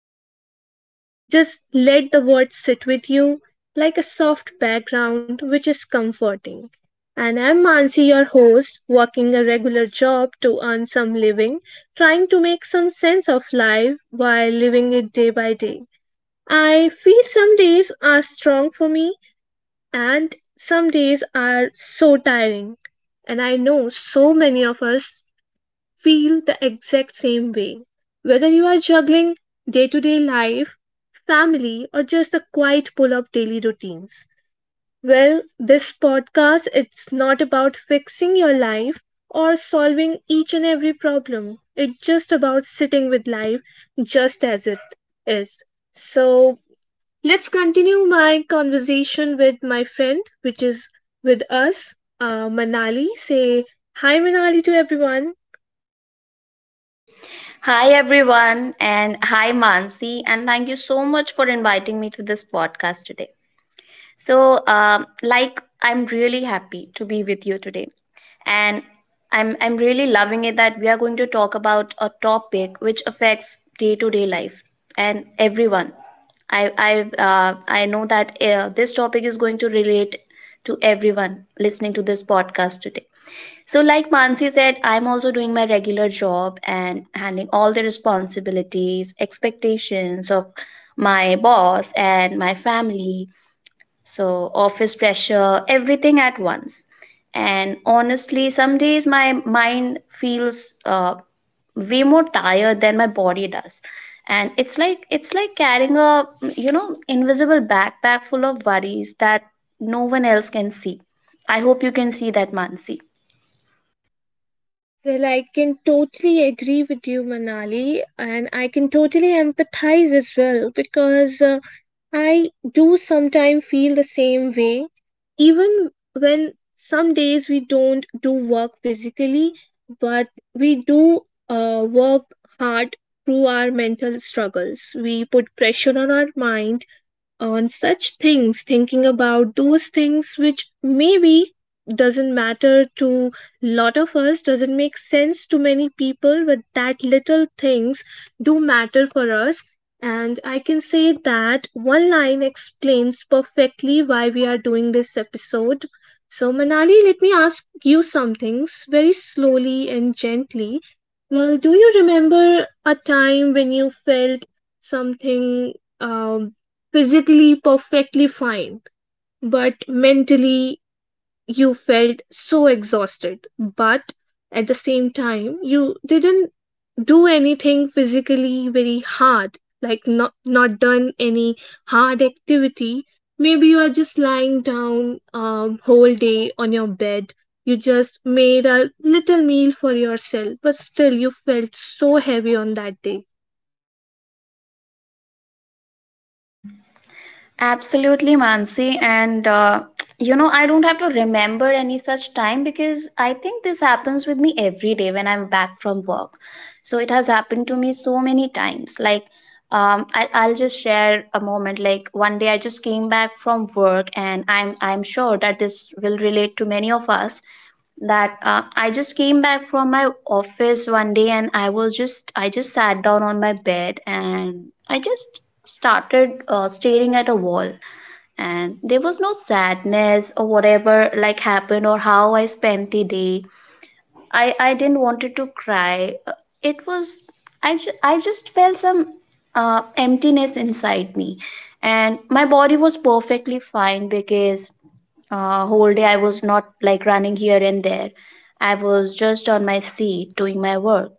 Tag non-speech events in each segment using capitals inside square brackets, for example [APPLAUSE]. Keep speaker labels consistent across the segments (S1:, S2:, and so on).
S1: matters to you. Just let the words sit with you like a soft background, which is comforting. And I'm Mansi, your host, working a regular job to earn some living, trying to make some sense of life while living it day by day. I feel some days are strong for me and some days are so tiring. And I know so many of us feel the exact same way. Whether you are juggling day to day life, family, or just the quiet pull of daily routines. Well, this podcast it's not about fixing your life or solving each and every problem. It's just about sitting with life just as it is. So let's continue my conversation with my friend, which is with us, Manali. Say hi, Manali, to everyone.
S2: Hi, everyone, and hi, Mansi, and thank you so much for inviting me to this podcast today. So, I'm really happy to be with you today, and I'm really loving it that we are going to talk about a topic which affects day-to-day life and everyone. I I I know that this topic is going to relate to everyone listening to this podcast today. So, like Mansi said, I'm also doing my regular job and handling all the responsibilities, expectations of my boss and my family. So, office pressure, everything at once. And honestly, some days my mind feels way more tired than my body does, and it's like carrying a, invisible backpack full of worries that no one else can see. I hope you can see that, Mansi.
S1: Well, I can totally agree with you, Manali, and I can totally empathize as well because I do sometimes feel the same way. Even when some days we don't do work physically, but we do work hard through our mental struggles. We put pressure on our mind on such things thinking about those things which maybe doesn't matter to lot of us, doesn't make sense to many people, but that little things do matter for us. And I can say that one line explains perfectly why we are doing this episode. So Manali, let me ask you some things very slowly and gently. Well, do you remember a time when you felt something, um, physically perfectly fine, but mentally you felt so exhausted? But at the same time, you didn't do anything physically very hard, like not done any hard activity. Maybe you are just lying down whole day on your bed. You just made a little meal for yourself, but still you felt so heavy on that day.
S2: Absolutely, Mansi. And, [TSK] I don't have to remember any such time because I think this happens with me every day when I'm back from work. So it has happened to me so many times. I'll just share a moment. Like one day I just came back from work, and I'm sure that this will relate to many of us that I just came back from my office one day, and I just sat down on my bed and I just started staring at a wall. And there was no sadness or whatever, like happened or how I spent the day. I didn't wanted to cry. It was I ju- I just felt some emptiness inside me, and my body was perfectly fine because whole day I was not like running here and there. I was just on my seat doing my work,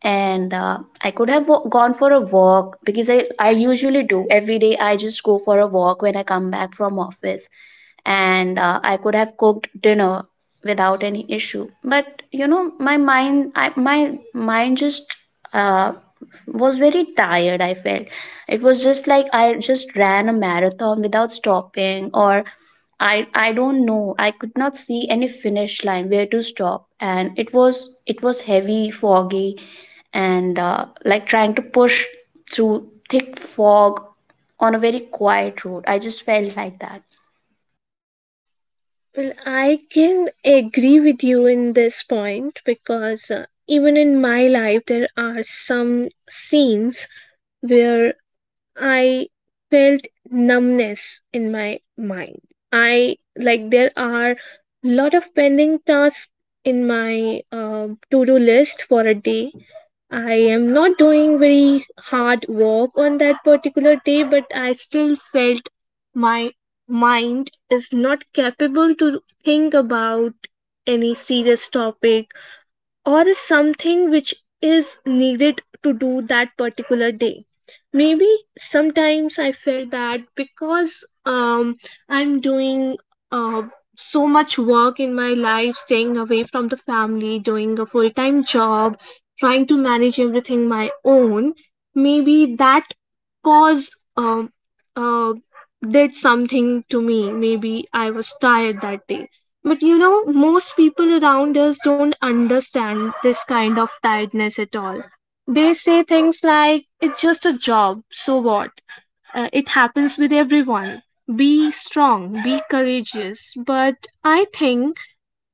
S2: and I could have gone for a walk because I usually do every day. I just go for a walk when I come back from office, and I could have cooked dinner without any issue. But you know, my mind just uh, was very tired. I felt it was just like I just ran a marathon without stopping, or I don't know. I could not see any finish line where to stop, and it was heavy, foggy, and like trying to push through thick fog on a very quiet road. I just felt like that.
S1: Well, I can agree with you in this point because even in my life, there are some scenes where I felt numbness in my mind. I like there are lot of pending tasks in my to do list for a day. I am not doing very hard work on that particular day, but I still felt my mind is not capable to think about any serious topic, or is something which is needed to do that particular day. Maybe sometimes I felt that because um, I'm doing uh, so much work in my life, staying away from the family, doing a full-time job, trying to manage everything my own. Maybe that cause uh, did something to me. Maybe I was tired that day. But you know, most people around us don't understand this kind of tiredness at all. They say things like, it's just a job, so what? It happens with everyone. Be strong, be courageous. But I think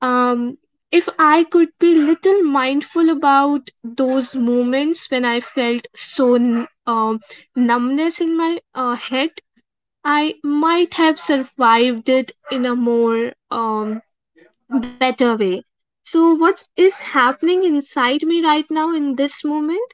S1: um, if I could be little mindful about those moments when I felt so numbness in my head, I might have survived it in a more better way. So, what is happening inside me right now in this moment?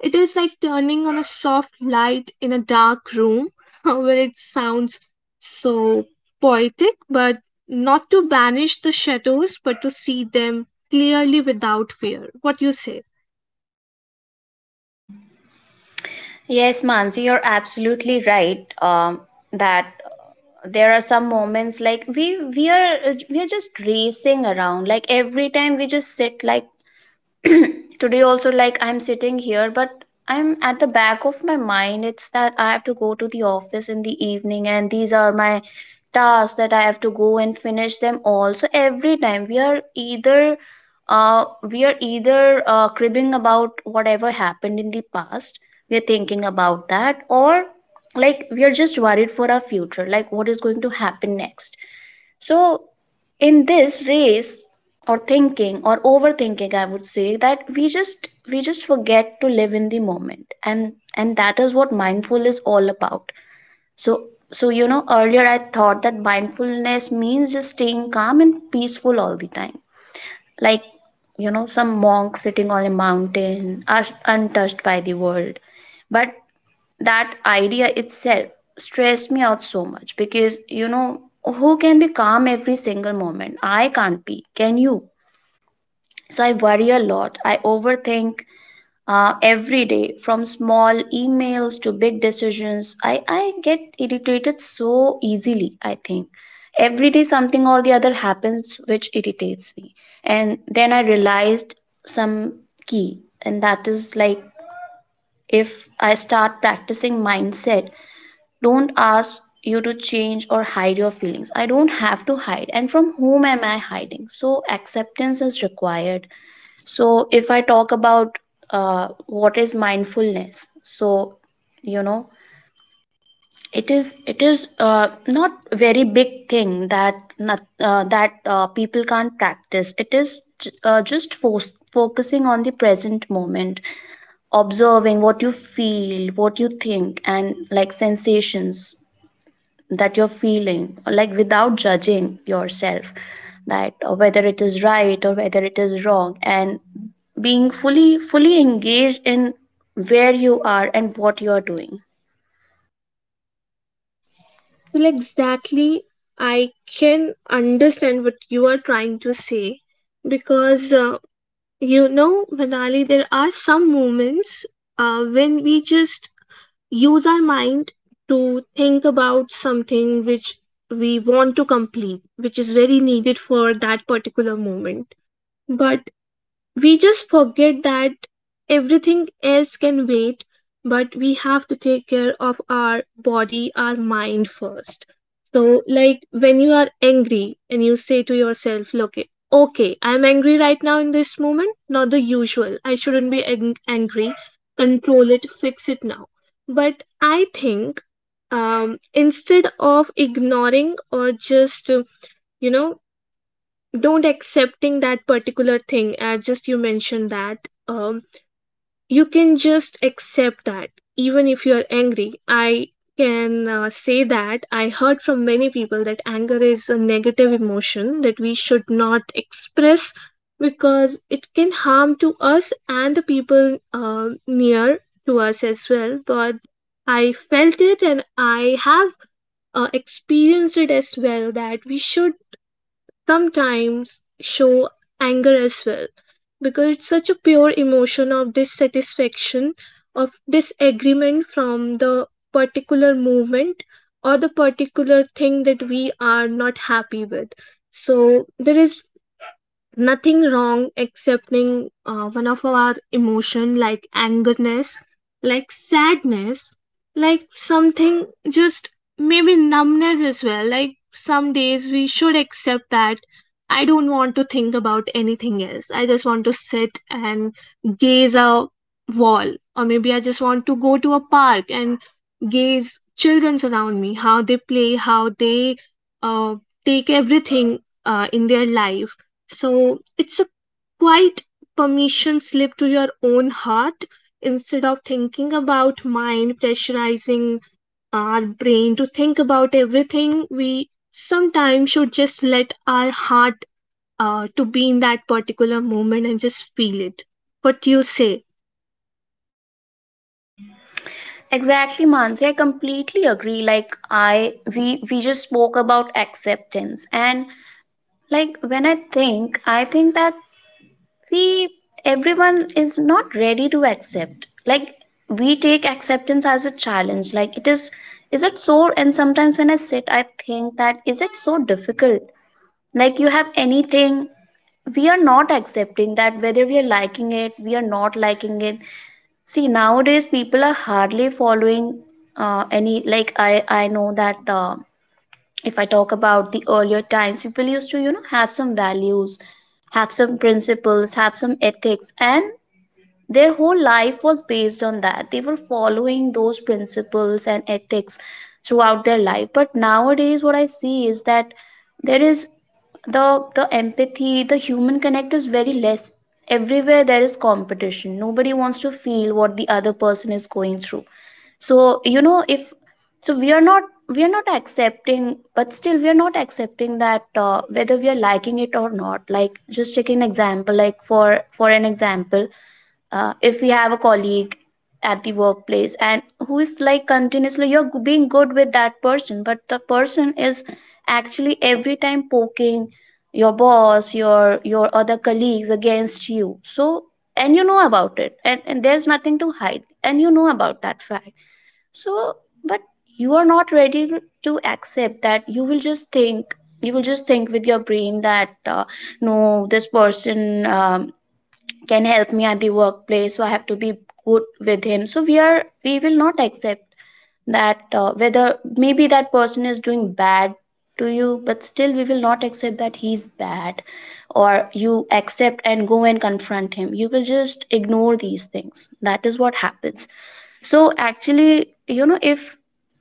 S1: It is like turning on a soft light in a dark room [LAUGHS] where it sounds so poetic, but not to banish the shadows, but to see them clearly without fear. What you say?
S2: Yes, Mansi, you're absolutely right. That there are some moments like we are just racing around. Like every time we just sit like [CLEARS THROAT] today also, like I'm sitting here, but I'm at the back of my mind. It's that I have to go to the office in the evening, and these are my tasks that I have to go and finish them all. So every time we are either cribbing about whatever happened in the past, we are thinking about that, or like we are just worried for our future, like what is going to happen next. So in this race or thinking or overthinking, I would say that we just forget to live in the moment, and that is what mindful is all about. So, so you know, earlier I thought that mindfulness means just staying calm and peaceful all the time. Like, you know, some monk sitting on a mountain, untouched by the world. But that idea itself stressed me out so much because, you know, who can be calm every single moment? I can't be. Can you? So I worry a lot. I overthink every day, from small emails to big decisions. I get irritated so easily. I think every day something or the other happens which irritates me, and then I realized some key, and that is like if I start practicing mindset, don't ask you to change or hide your feelings. I don't have to hide, and from whom am I hiding? So acceptance is required. So if I talk about what is mindfulness, so you know it is not very big thing that people can't practice. It is just focusing on the present moment, observing what you feel, what you think, and like sensations that you're feeling, like without judging yourself, that whether it is right or whether it is wrong, and being fully, fully engaged in where you are and what you are doing.
S1: Well, exactly. I can understand what you are trying to say because, you know, Manali, there are some moments when we just use our mind to think about something which we want to complete, which is very needed for that particular moment. But we just forget that everything else can wait, but we have to take care of our body, our mind first. So, like when you are angry and you say to yourself, look, okay, I'm angry right now in this moment, not the usual. I shouldn't be angry. Control it, fix it now. But I think instead of ignoring or just, you know, don't accepting that particular thing. As just you mentioned that um, you can just accept that even if you are angry. I can say that I heard from many people that anger is a negative emotion that we should not express because it can harm to us and the people near to us as well. But I felt it and I have experienced it as well, that we should sometimes show anger as well because it's such a pure emotion of dissatisfaction, of disagreement from the particular movement or the particular thing that we are not happy with. So there is nothing wrong excepting one of our emotion, like angerness, like sadness, like something, just maybe numbness as well. Like some days we should accept that I don't want to think about anything else, I just want to sit and gaze a wall, or maybe I just want to go to a park and gaze children around me, how they play, how they uh, take everything in their life. So it's a quite permission slip to your own heart, instead of thinking about mind pressurizing our brain to think about everything. We sometimes should just let our heart to be in that particular moment and just feel it. What you say?
S2: Exactly, Mansi. I completely agree. Like we just spoke about acceptance, and like when I think that we, everyone is not ready to accept. Like we take acceptance as a challenge, like it is it so? And sometimes when I sit, I think, that is it so difficult? Like you have anything, we are not accepting that whether we are liking it, we are not liking it. See, nowadays people are hardly following any, like I know that if I talk about the earlier times, people used to, you know, have some values, have some principles, have some ethics, and their whole life was based on that. They were following those principles and ethics throughout their life. But nowadays what I see is that there is the empathy, the human connect is very less. Everywhere there is competition, nobody wants to feel what the other person is going through. So you know, if, so we are not, we are not accepting, but still we are not accepting that whether we are liking it or not. Like just take an example, like for an example, if we have a colleague at the workplace and who is like continuously, being good with that person, but the person is actually every time poking your boss, your other colleagues against you. So, and you know about it, and there's nothing to hide and you know about that fact. So, but you are not ready to accept that. You will just think with your brain that no, this person can help me at the workplace, so I have to be good with him. So we will not accept that whether maybe that person is doing bad to you, but still we will not accept that he's bad. Or you accept and go and confront him, you will just ignore these things. That is what happens. So actually, you know, if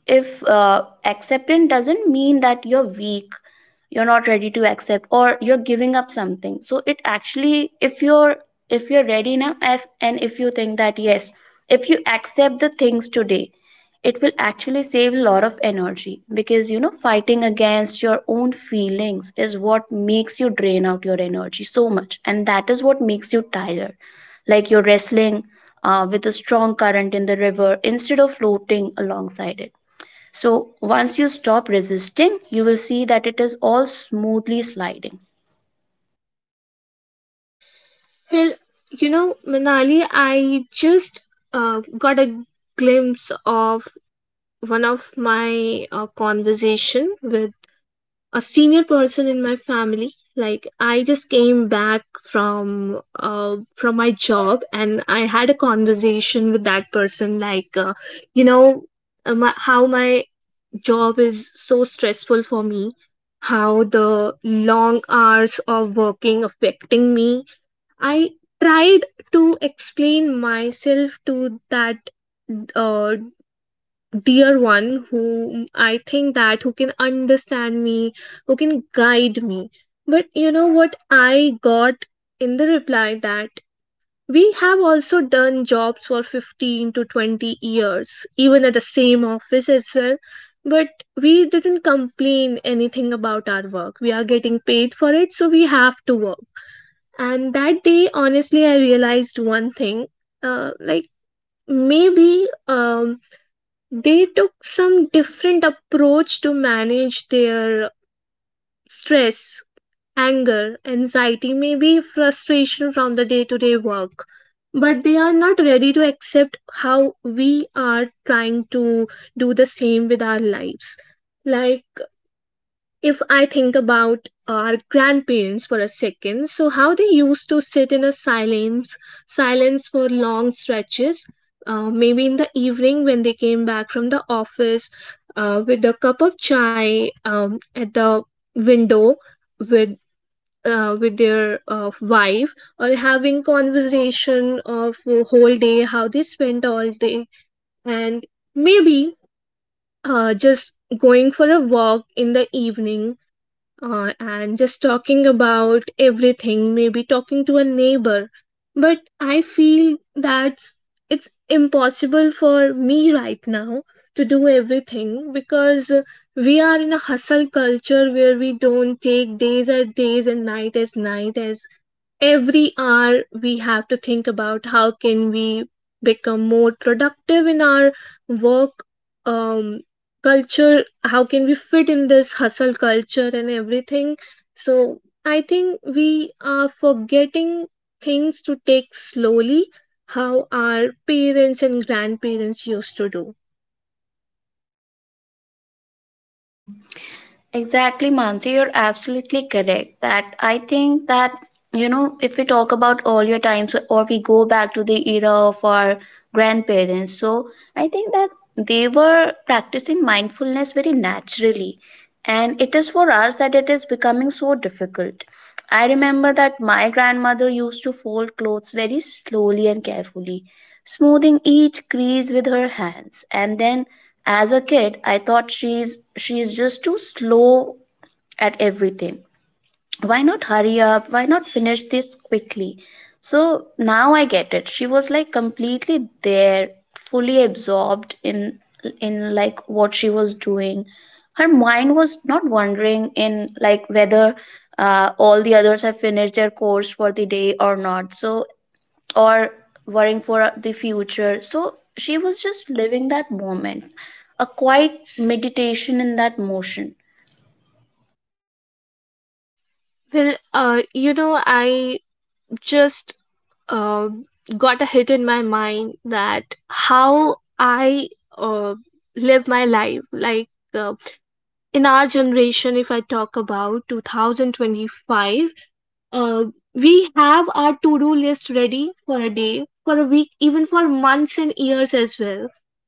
S2: if acceptance doesn't mean that you're weak, you're not ready to accept, or you're giving up something. So it actually, if you're ready now, if, and if you think that yes, if you accept the things today, it will actually save a lot of energy, because you know, fighting against your own feelings is what makes you drain out your energy so much, and that is what makes you tired. Like you're wrestling with a strong current in the river instead of floating alongside it. So once you stop resisting, you will see that it is all smoothly sliding.
S1: Well, you know, Manali, I just got a glimpse of one of my conversation with a senior person in my family. Like I just came back from from my job, and I had a conversation with that person. Like you know, how my job is so stressful for me, how the long hours of working affecting me. I tried to explain myself to that uh, dear one whom I think that who can understand me, who can guide me. But you know what I got in the reply, that we have also done jobs for 15 to 20 years, even at the same office as well. But we didn't complain anything about our work. We are getting paid for it, so we have to work. And that day, honestly, I realized one thing. Like maybe they took some different approach to manage their stress, anger, anxiety, maybe frustration from the day to day work. But they are not ready to accept how we are trying to do the same with our lives. Like if I think about our grandparents for a second, so how they used to sit in a silence, silence for long stretches, maybe in the evening when they came back from the office, with a cup of chai, at the window, with with their wife, or having conversation of whole day, how they spent all day, and maybe just going for a walk in the evening, and just talking about everything, maybe talking to a neighbor. But I feel that it's impossible for me right now to do everything, because we are in a hustle culture where we don't take days as days and night as night, as every hour we have to think about how can we become more productive in our work um culture, how can we fit in this hustle culture and everything. So I think we are forgetting things to take slowly, how our parents and grandparents used to do.
S2: Exactly, Mansi, you're absolutely correct. That I think that, you know, if we talk about earlier times, or we go back to the era of our grandparents, so I think that they were practicing mindfulness very naturally. And it is for us that it is becoming so difficult. I remember that my grandmother used to fold clothes very slowly and carefully, smoothing each crease with her hands, and then as a kid, I thought she's just too slow at everything. Why not hurry up? Why not finish this quickly? So now I get it. She was like completely there, fully absorbed in like what she was doing. Her mind was not wondering in, like whether all the others have finished their course for the day or not. So, or worrying for the future. So she was just living that moment, a quiet meditation in that motion.
S1: Well, you know, I just uh, got a hit in my mind that how I uh, live my life. Like uh, in our generation, if I talk about 2025, uh, we have our to-do list ready for a day, for a week, even for months and years as well.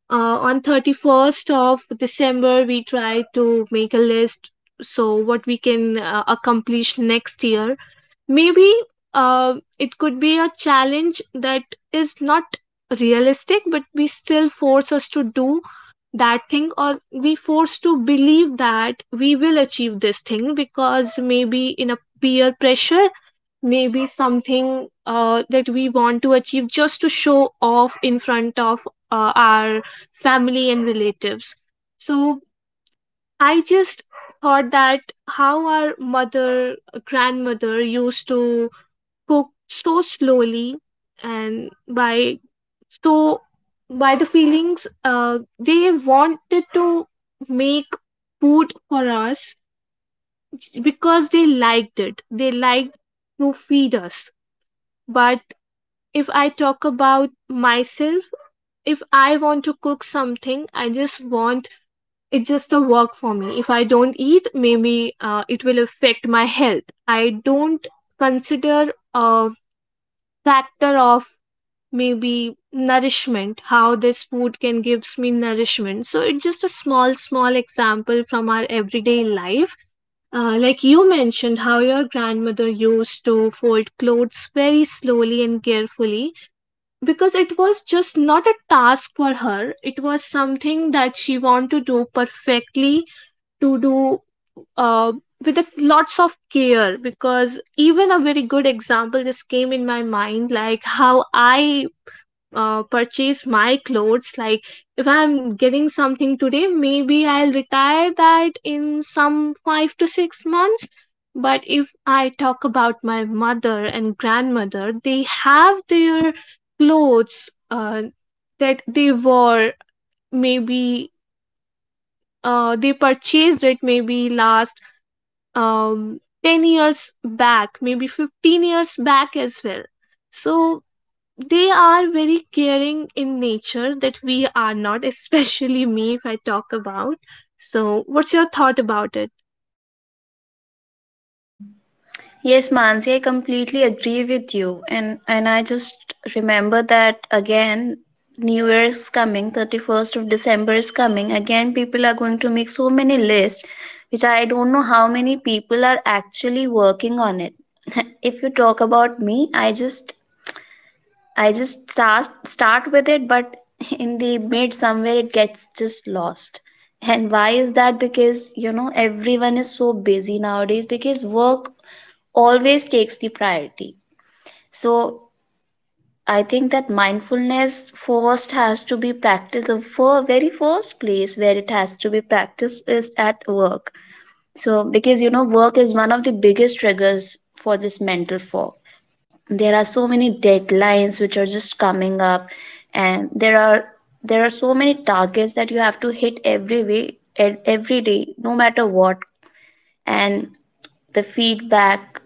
S1: On 31st of December we try to make a list, so what we can accomplish next year. Maybe it could be a challenge that is not realistic, but we still force us to do that thing, or we force to believe that we will achieve this thing because maybe in a peer pressure, maybe something that we want to achieve just to show off in front of our family and relatives. So I just thought that how our mother, grandmother used to cook so slowly, and by so by the feelings they wanted to make food for us, because they liked it, they liked to feed us. But if I talk about myself, if I want to cook something, I just want, it's just a work for me. If I don't eat, maybe it will affect my health. I don't consider a factor of maybe nourishment, how this food can gives me nourishment. So it's just a small, small example from our everyday life. Like you mentioned, how your grandmother used to fold clothes very slowly and carefully because it was just not a task for her, it was something that she wanted to do perfectly, to do uh, with a, lots of care. Because even a very good example just came in my mind, like how I purchase my clothes. Like if I'm getting something today, maybe I'll retire that in some 5 to 6 months. But if I talk about my mother and grandmother, they have their clothes that they wore, maybe they purchased it maybe last um, 10 years back, maybe 15 years back as well. So they are very caring in nature that we are not, especially me if I talk about. So what's your thought about it?
S2: Yes, Mansi, I completely agree with you. And I just remember that again, New Year is coming, 31st of December is coming. Again, people are going to make so many lists, which I don't know how many people are actually working on it. [LAUGHS] If you talk about me, I just, I just start with it, but [LAUGHS] in the mid somewhere it gets just lost. And why is that? Because you know everyone is so busy nowadays because work always takes the priority. So I think that mindfulness first has to be practiced. The very first place where it has to be practiced is at work. So, because you know, work is one of the biggest triggers for this mental fog. There are so many deadlines which are just coming up, and there are so many targets that you have to hit every day, no matter what. And the feedback,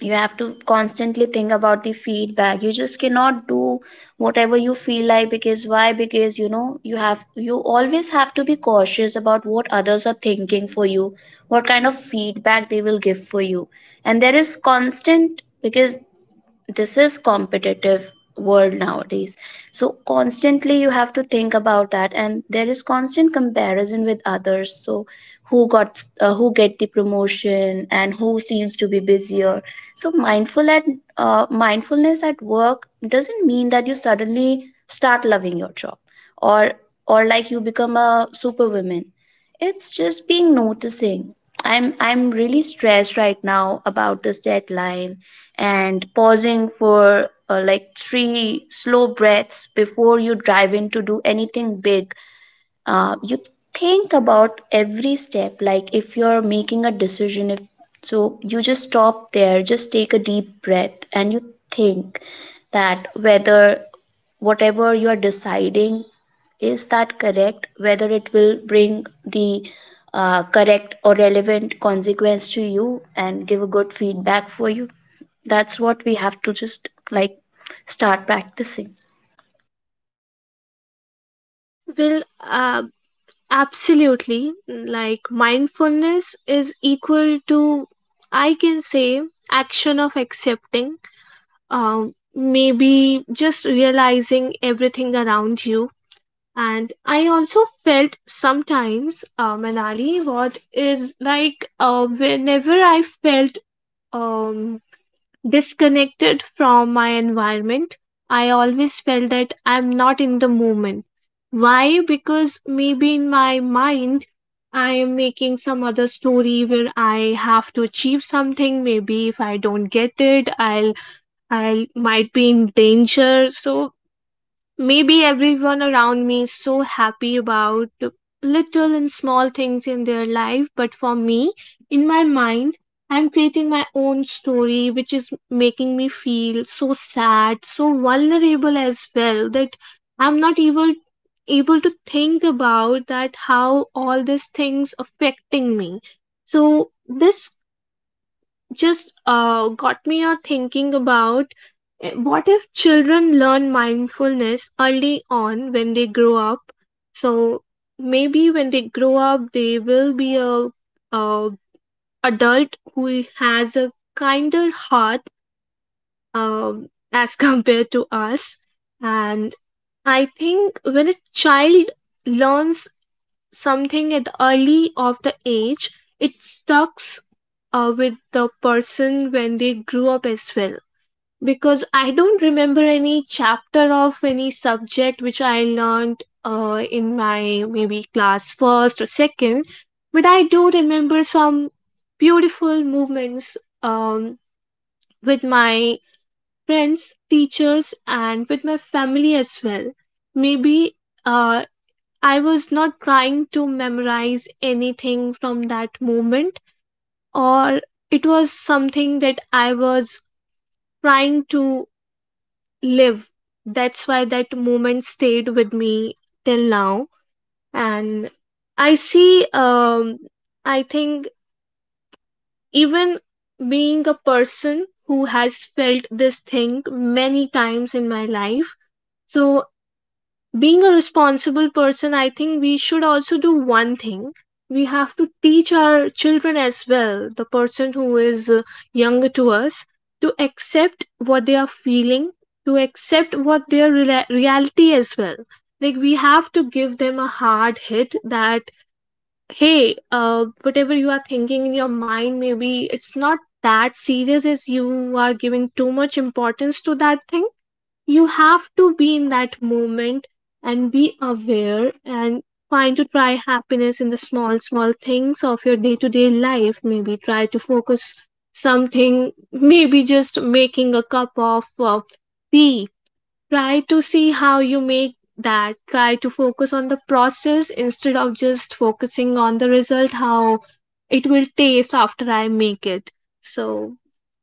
S2: you have to constantly think about the feedback. You just cannot do whatever you feel like. Because why? Because you know, you always have to be cautious about what others are thinking for you, what kind of feedback they will give for you. And there is constant, because this is competitive world nowadays, so constantly you have to think about that. And there is constant comparison with others. So who got who get the promotion and who seems to be busier. So mindfulness at work doesn't mean that you suddenly start loving your job, or like you become a superwoman. It's just being noticing I'm really stressed right now about this deadline, and pausing for like three slow breaths before you dive in to do anything big. You think about every step, like if you're making a decision. If so you just stop there, just take a deep breath, and you think that whether whatever you're deciding, is that correct, whether it will bring the correct or relevant consequence to you and give a good feedback for you. That's what we have to just like start practicing.
S1: Well, uh, absolutely. Like mindfulness is equal to, I can say, action of accepting. Um, Maybe just realizing everything around you. And I also felt sometimes, Manali, what is, like whenever I felt um disconnected from my environment. I always felt that I'm not in the moment. Why? Because maybe in my mind, I am making some other story where I have to achieve something. Maybe if I don't get it, I will might be in danger. So maybe everyone around me is so happy about little and small things in their life, but for me, in my mind, I'm creating my own story, which is making me feel so sad, so vulnerable as well, that I'm not able able to think about that, how all these things affecting me. So this just got me a thinking about, what if children learn mindfulness early on when they grow up? So maybe when they grow up they will be a adult who has a kinder heart, um, as [LAUGHS] compared to us. And I think when a child learns something at the early of the age, it stucks with the person when they grew up as well. Because I don't remember any chapter of any subject which I learned in my maybe class first or second, but I do remember some beautiful moments um, with my friends, teachers, and with my family as well. Maybe uh, I was not trying to memorize anything from that moment, or it was something that I was trying to live. That's why that moment stayed with me till now. And I see, I think even being a person who has felt this thing many times in my life, so being a responsible person, I think we should also do one thing. We have to teach our children as well, the person who is younger to us, to accept what they are feeling, to accept what their reality as well. Like, we have to give them a hard hit that, hey, whatever you are thinking in your mind, maybe it's not that serious as you are giving too much importance to that thing. You have to be in that moment and be aware, and find to try happiness in the small small things of your day to day life. Maybe try to focus something, maybe just making a cup of tea. Try to see how you make that. Try to focus on the process instead of just focusing on the result, how it will taste after I make it. So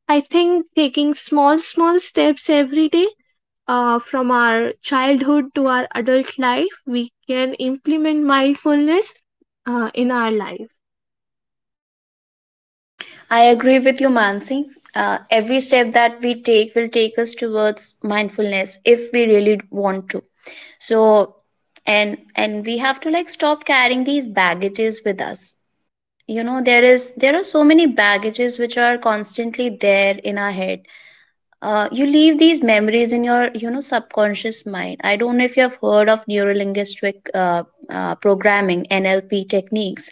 S1: I think taking small small steps every day, from our childhood to our adult life, we can implement mindfulness in our life.
S2: I agree with you, Mansi. Every step that we take will take us towards mindfulness if we really want to. So, and we have to like stop carrying these baggages with us. You know, there are so many baggages which are constantly there in our head. You leave these memories in your, you know, subconscious mind. I don't know if you have heard of neurolinguistic programming (NLP) techniques.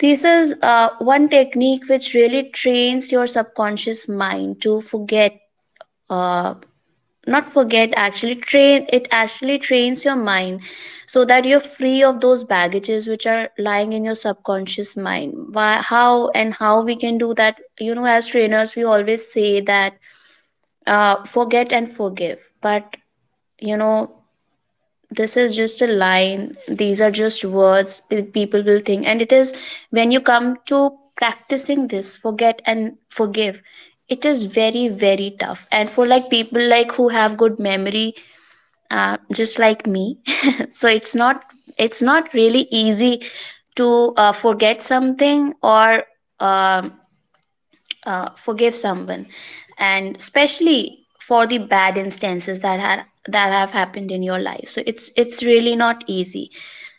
S2: This is one technique which really trains your subconscious mind to forget, uh, not forget, actually train it actually trains your mind so that you're free of those baggages which are lying in your subconscious mind. Why, how, and how we can do that? You know, as trainers, we always say that forget and forgive, but you know, this is just a line, these are just words. People will think. And it is, when you come to practicing this forget and forgive, it is very, very tough. And for like people like who have good memory, just like me, [LAUGHS] so it's not, it's not really easy to forget something or um forgive someone. And especially for the bad instances that have happened in your life, so it's really not easy.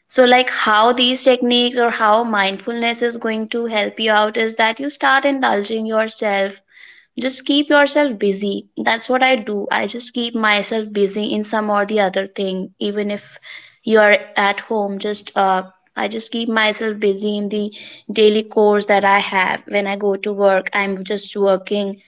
S2: So like how these techniques or how mindfulness is going to help you out, is that you start indulging yourself, just keep yourself busy. That's what I do. I just keep myself busy in some or the other thing. Even if you are at home, just I just keep myself busy in the daily course that I have. When I go to work, I'm just working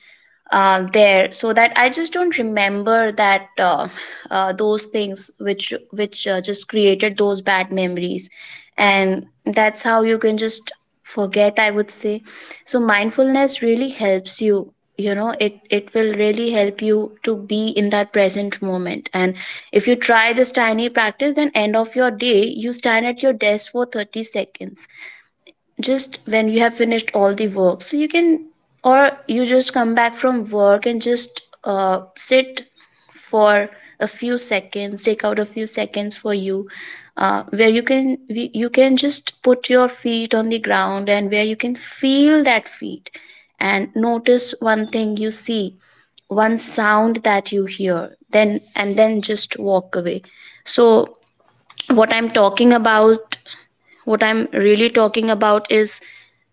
S2: there, so that I just don't remember that those things which just created those bad memories. And that's how you can just forget, I would say. So mindfulness really helps you, you know, it will really help you to be in that present moment. And if you try this tiny practice, then end of your day you stand at your desk for 30 seconds, just when you have finished all the work. So you can, or you just come back from work and just sit for a few seconds, take out a few seconds for you, where you can you can just put your feet on the ground and where you can feel that feet, and notice one thing you see, one sound that you hear, then and then just walk away. So what i'm talking about what I'm really talking about is,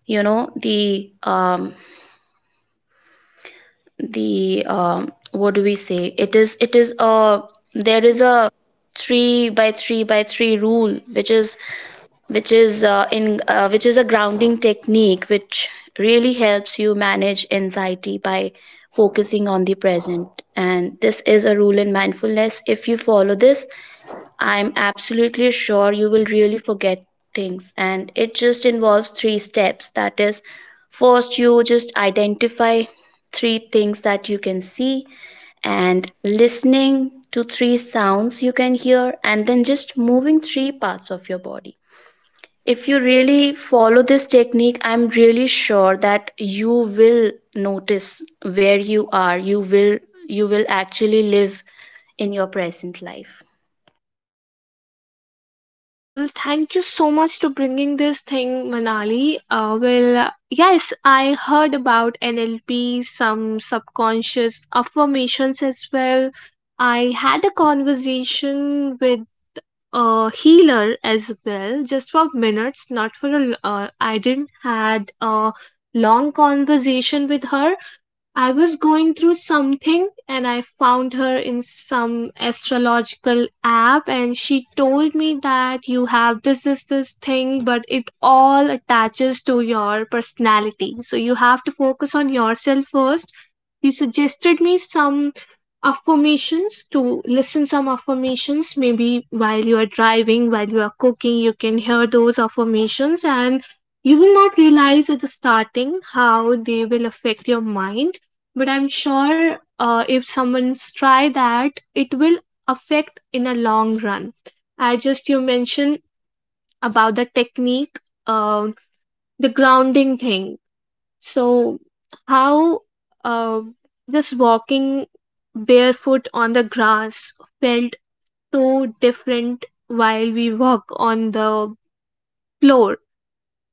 S2: you know, the what do we say it is a there is a three by three by three rule, which is in which is a grounding technique which really helps you manage anxiety by focusing on the present. And this is a rule in mindfulness. If you follow this, I'm absolutely sure you will really forget things, and it just involves three steps. That is, first, you just identify three things that you can see, and listening to three sounds you can hear, and then just moving three parts of your body. If you really follow this technique, I'm really sure that you will notice where you are. You will actually live in your present life.
S1: Well, thank you so much to bringing this thing, Manali. Well, yes, I heard about NLP, some subconscious affirmations as well. I had a conversation with a healer as well, just for minutes, not for a. I didn't had a long conversation with her. I was going through something and I found her in some astrological app, and she told me that you have this this this thing, but it all attaches to your personality, so you have to focus on yourself first. He suggested me some affirmations to listen, some affirmations maybe while you are driving, while you are cooking, you can hear those affirmations. And you will not realize at the starting how they will affect your mind, but I'm sure if someone's try that, it will affect in a long run. I just you mentioned about the technique, uh, the grounding thing. So how uh, just walking barefoot on the grass felt so different while we walk on the floor.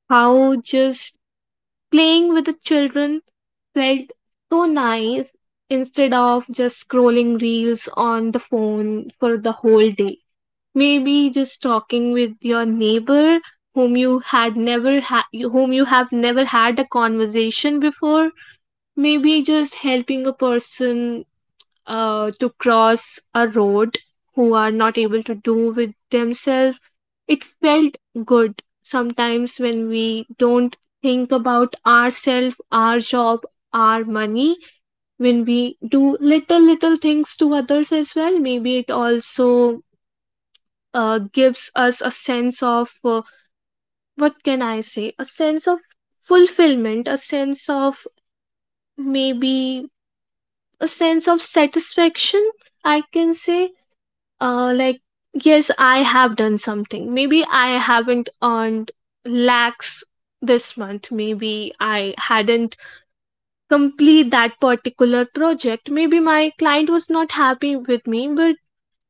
S1: How just playing with the children felt so nice, instead of just scrolling reels on the phone for the whole day. Maybe just talking with your neighbor whom you had never ha- whom you have never had a conversation before. Maybe just helping a person to cross a road who are not able to do with themselves. It felt good sometimes when we don't think about ourselves, our job, our money. When we do little little things to others as well, maybe it also gives us a sense of, what can I say, a sense of fulfillment, a sense of, maybe a sense of satisfaction, I can say. Like, yes, I have done something. Maybe I haven't earned lakhs this month, maybe I hadn't complete that particular project, maybe my client was not happy with me, but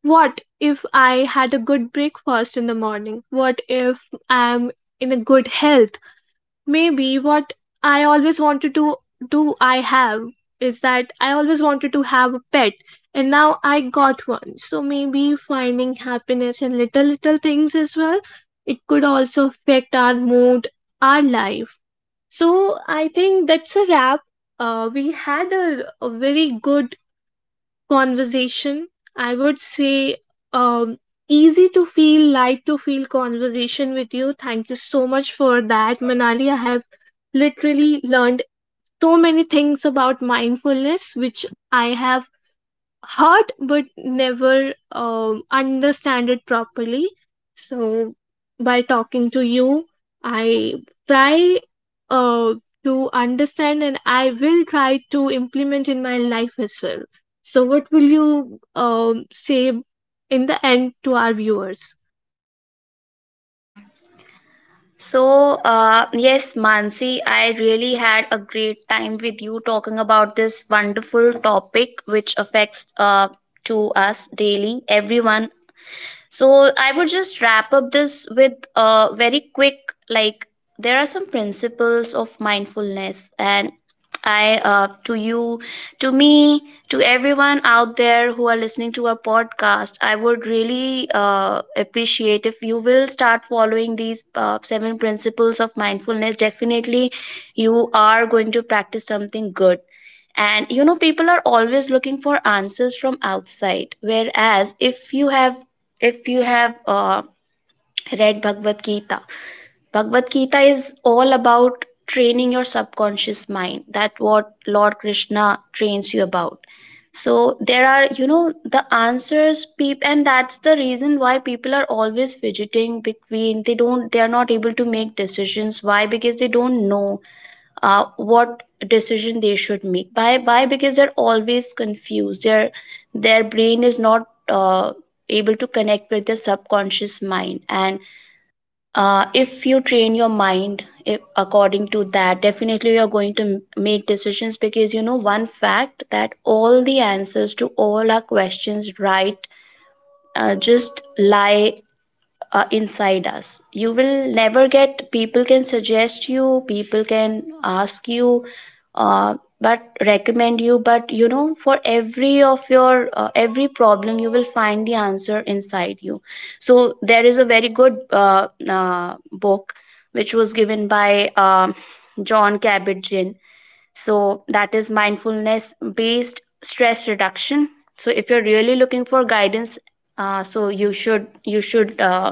S1: what if I had a good breakfast in the morning, what if I'm in a good health? Maybe what I always wanted to do I have, is that I always wanted to have a pet, and now I got one. So maybe finding happiness in little little things as well. It could also affect our mood, our life. So I think that's a wrap. We had a very good conversation, I would say. um Easy to feel, light to feel conversation with you. Thank you so much for that, Manali. I have literally learned so many things about mindfulness which I have heard but never understand it properly. So by talking to you, I try uh, to understand, and I will try to implement in my life as well. So what will you say in the end to our viewers?
S2: So, yes, Mansi, I really had a great time with you talking about this wonderful topic which affects to us daily, everyone. So I would just wrap up this with a very quick, like, there are some principles of mindfulness. And I, to you, to me, to everyone out there who are listening to our podcast, I would really appreciate if you will start following these seven principles of mindfulness. Definitely you are going to practice something good. And you know, people are always looking for answers from outside, whereas if you have read Bhagavad Gita, Bhagavad Gita is all about training your subconscious mind. That what Lord Krishna trains you about. So there are, you know, the answers, people, and that's the reason why people are always fidgeting between. They are not able to make decisions. Why? Because they don't know what decision they should make. Why? Because they're always confused. Their brain is not uh, able to connect with their subconscious mind. And if you train your mind, if, according to that, definitely you're going to make decisions, because you know one fact, that all the answers to all our questions, right, just lie inside us. You will never get, people can suggest you, people can ask you, uh, but recommend you, but you know for every of your, every problem, you will find the answer inside you. So there is a very good book which was given by John Kabat-Zinn. So that is Mindfulness Based Stress Reduction. So if you're really looking for guidance, so you should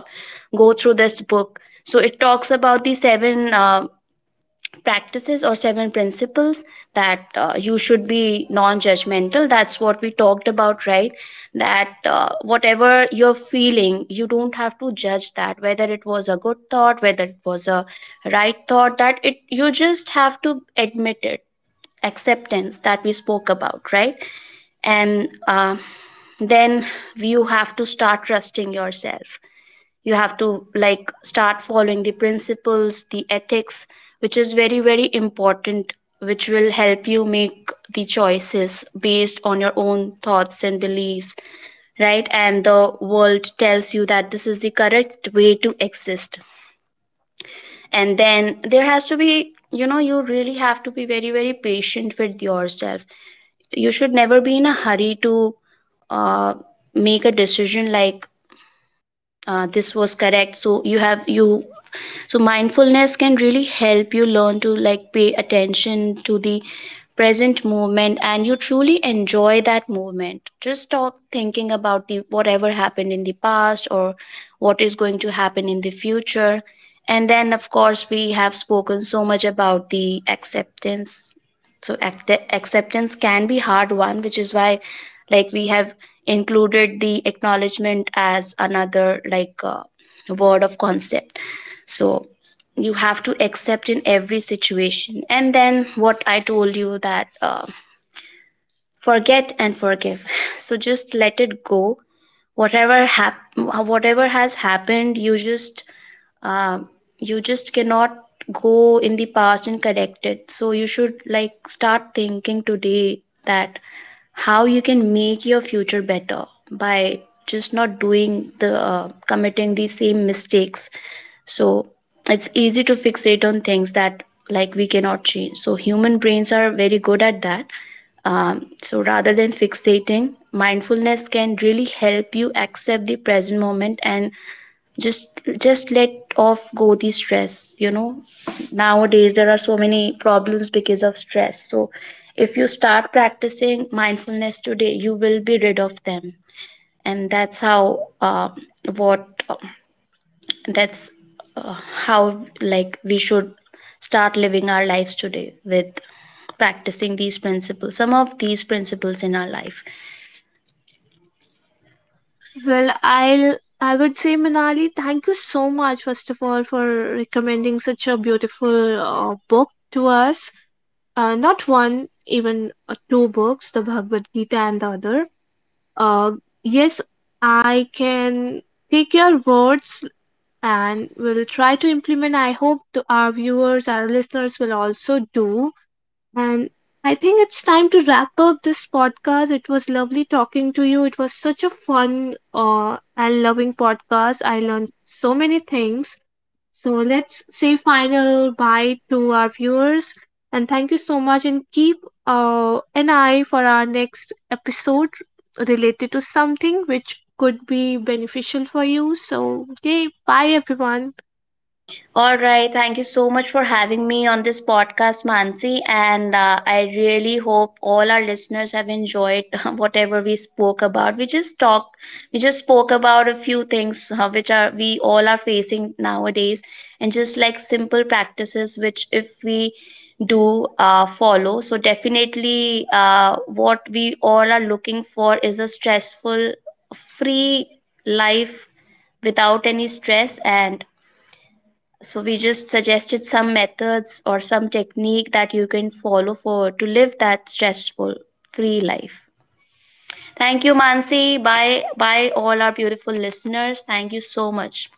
S2: go through this book. So it talks about the seven practices or seven principles, that you should be non-judgmental. That's what we talked about, right? That whatever you're feeling, you don't have to judge that. Whether it was a good thought, whether it was a right thought, that it you just have to admit it. Acceptance, that we spoke about, right? And then you have to start trusting yourself. You have to like start following the principles, the ethics, which is very, very important, which will help you make the choices based on your own thoughts and beliefs, right? And the world tells you that this is the correct way to exist. And then there has to be, you know, you really have to be very, very patient with yourself. You should never be in a hurry to uh, make a decision, like, this was correct, so you. So mindfulness can really help you learn to like pay attention to the present moment and you truly enjoy that moment. Just stop thinking about the whatever happened in the past or what is going to happen in the future. And then, of course, we have spoken so much about the acceptance. So acceptance can be hard one, which is why like we have included the acknowledgement as another like word of concept. So you have to accept in every situation. And then what I told you, that forget and forgive, [LAUGHS] [SIGHS] so just let it go. Whatever has happened, uh, you just cannot go in the past and correct it. So you should like start thinking today that how you can make your future better by just not doing the committing the same mistakes. So it's easy to fixate on things that like we cannot change. So human brains are very good at that. Um, so rather than fixating, mindfulness can really help you accept the present moment and just just let off go the stress. You know, nowadays there are so many problems because of stress. So if you start practicing mindfulness today, you will be rid of them. And that's how, what that's uh, how like we should start living our lives today with practicing these principles some of these principles in our life.
S1: Well, I would say Manali, thank you so much first of all for recommending such a beautiful book to us. Not one, even two books, the Bhagavad Gita and the other. Uh, yes, I can take your words and will try to implement. I hope the, our viewers, our listeners will also do. And I think it's time to wrap up this podcast. It was lovely talking to you. It was such a fun and loving podcast. I learned so many things. So let's say final bye to our viewers. And thank you so much. And keep an eye for our next episode related to something which could be beneficial for you. So, okay, bye everyone.
S2: All right. Thank you so much for having me on this podcast, Mansi. And I really hope all our listeners have enjoyed [LAUGHS] whatever we spoke about. We just spoke about a few things which are we all are facing nowadays, and just like simple practices which if we do follow, so definitely what we all are looking for is a stressful, free life without any stress. And so we just suggested some methods or some technique that you can follow for to live that stressful free life. Thank you, Mansi. Bye bye all our beautiful listeners. Thank you so much.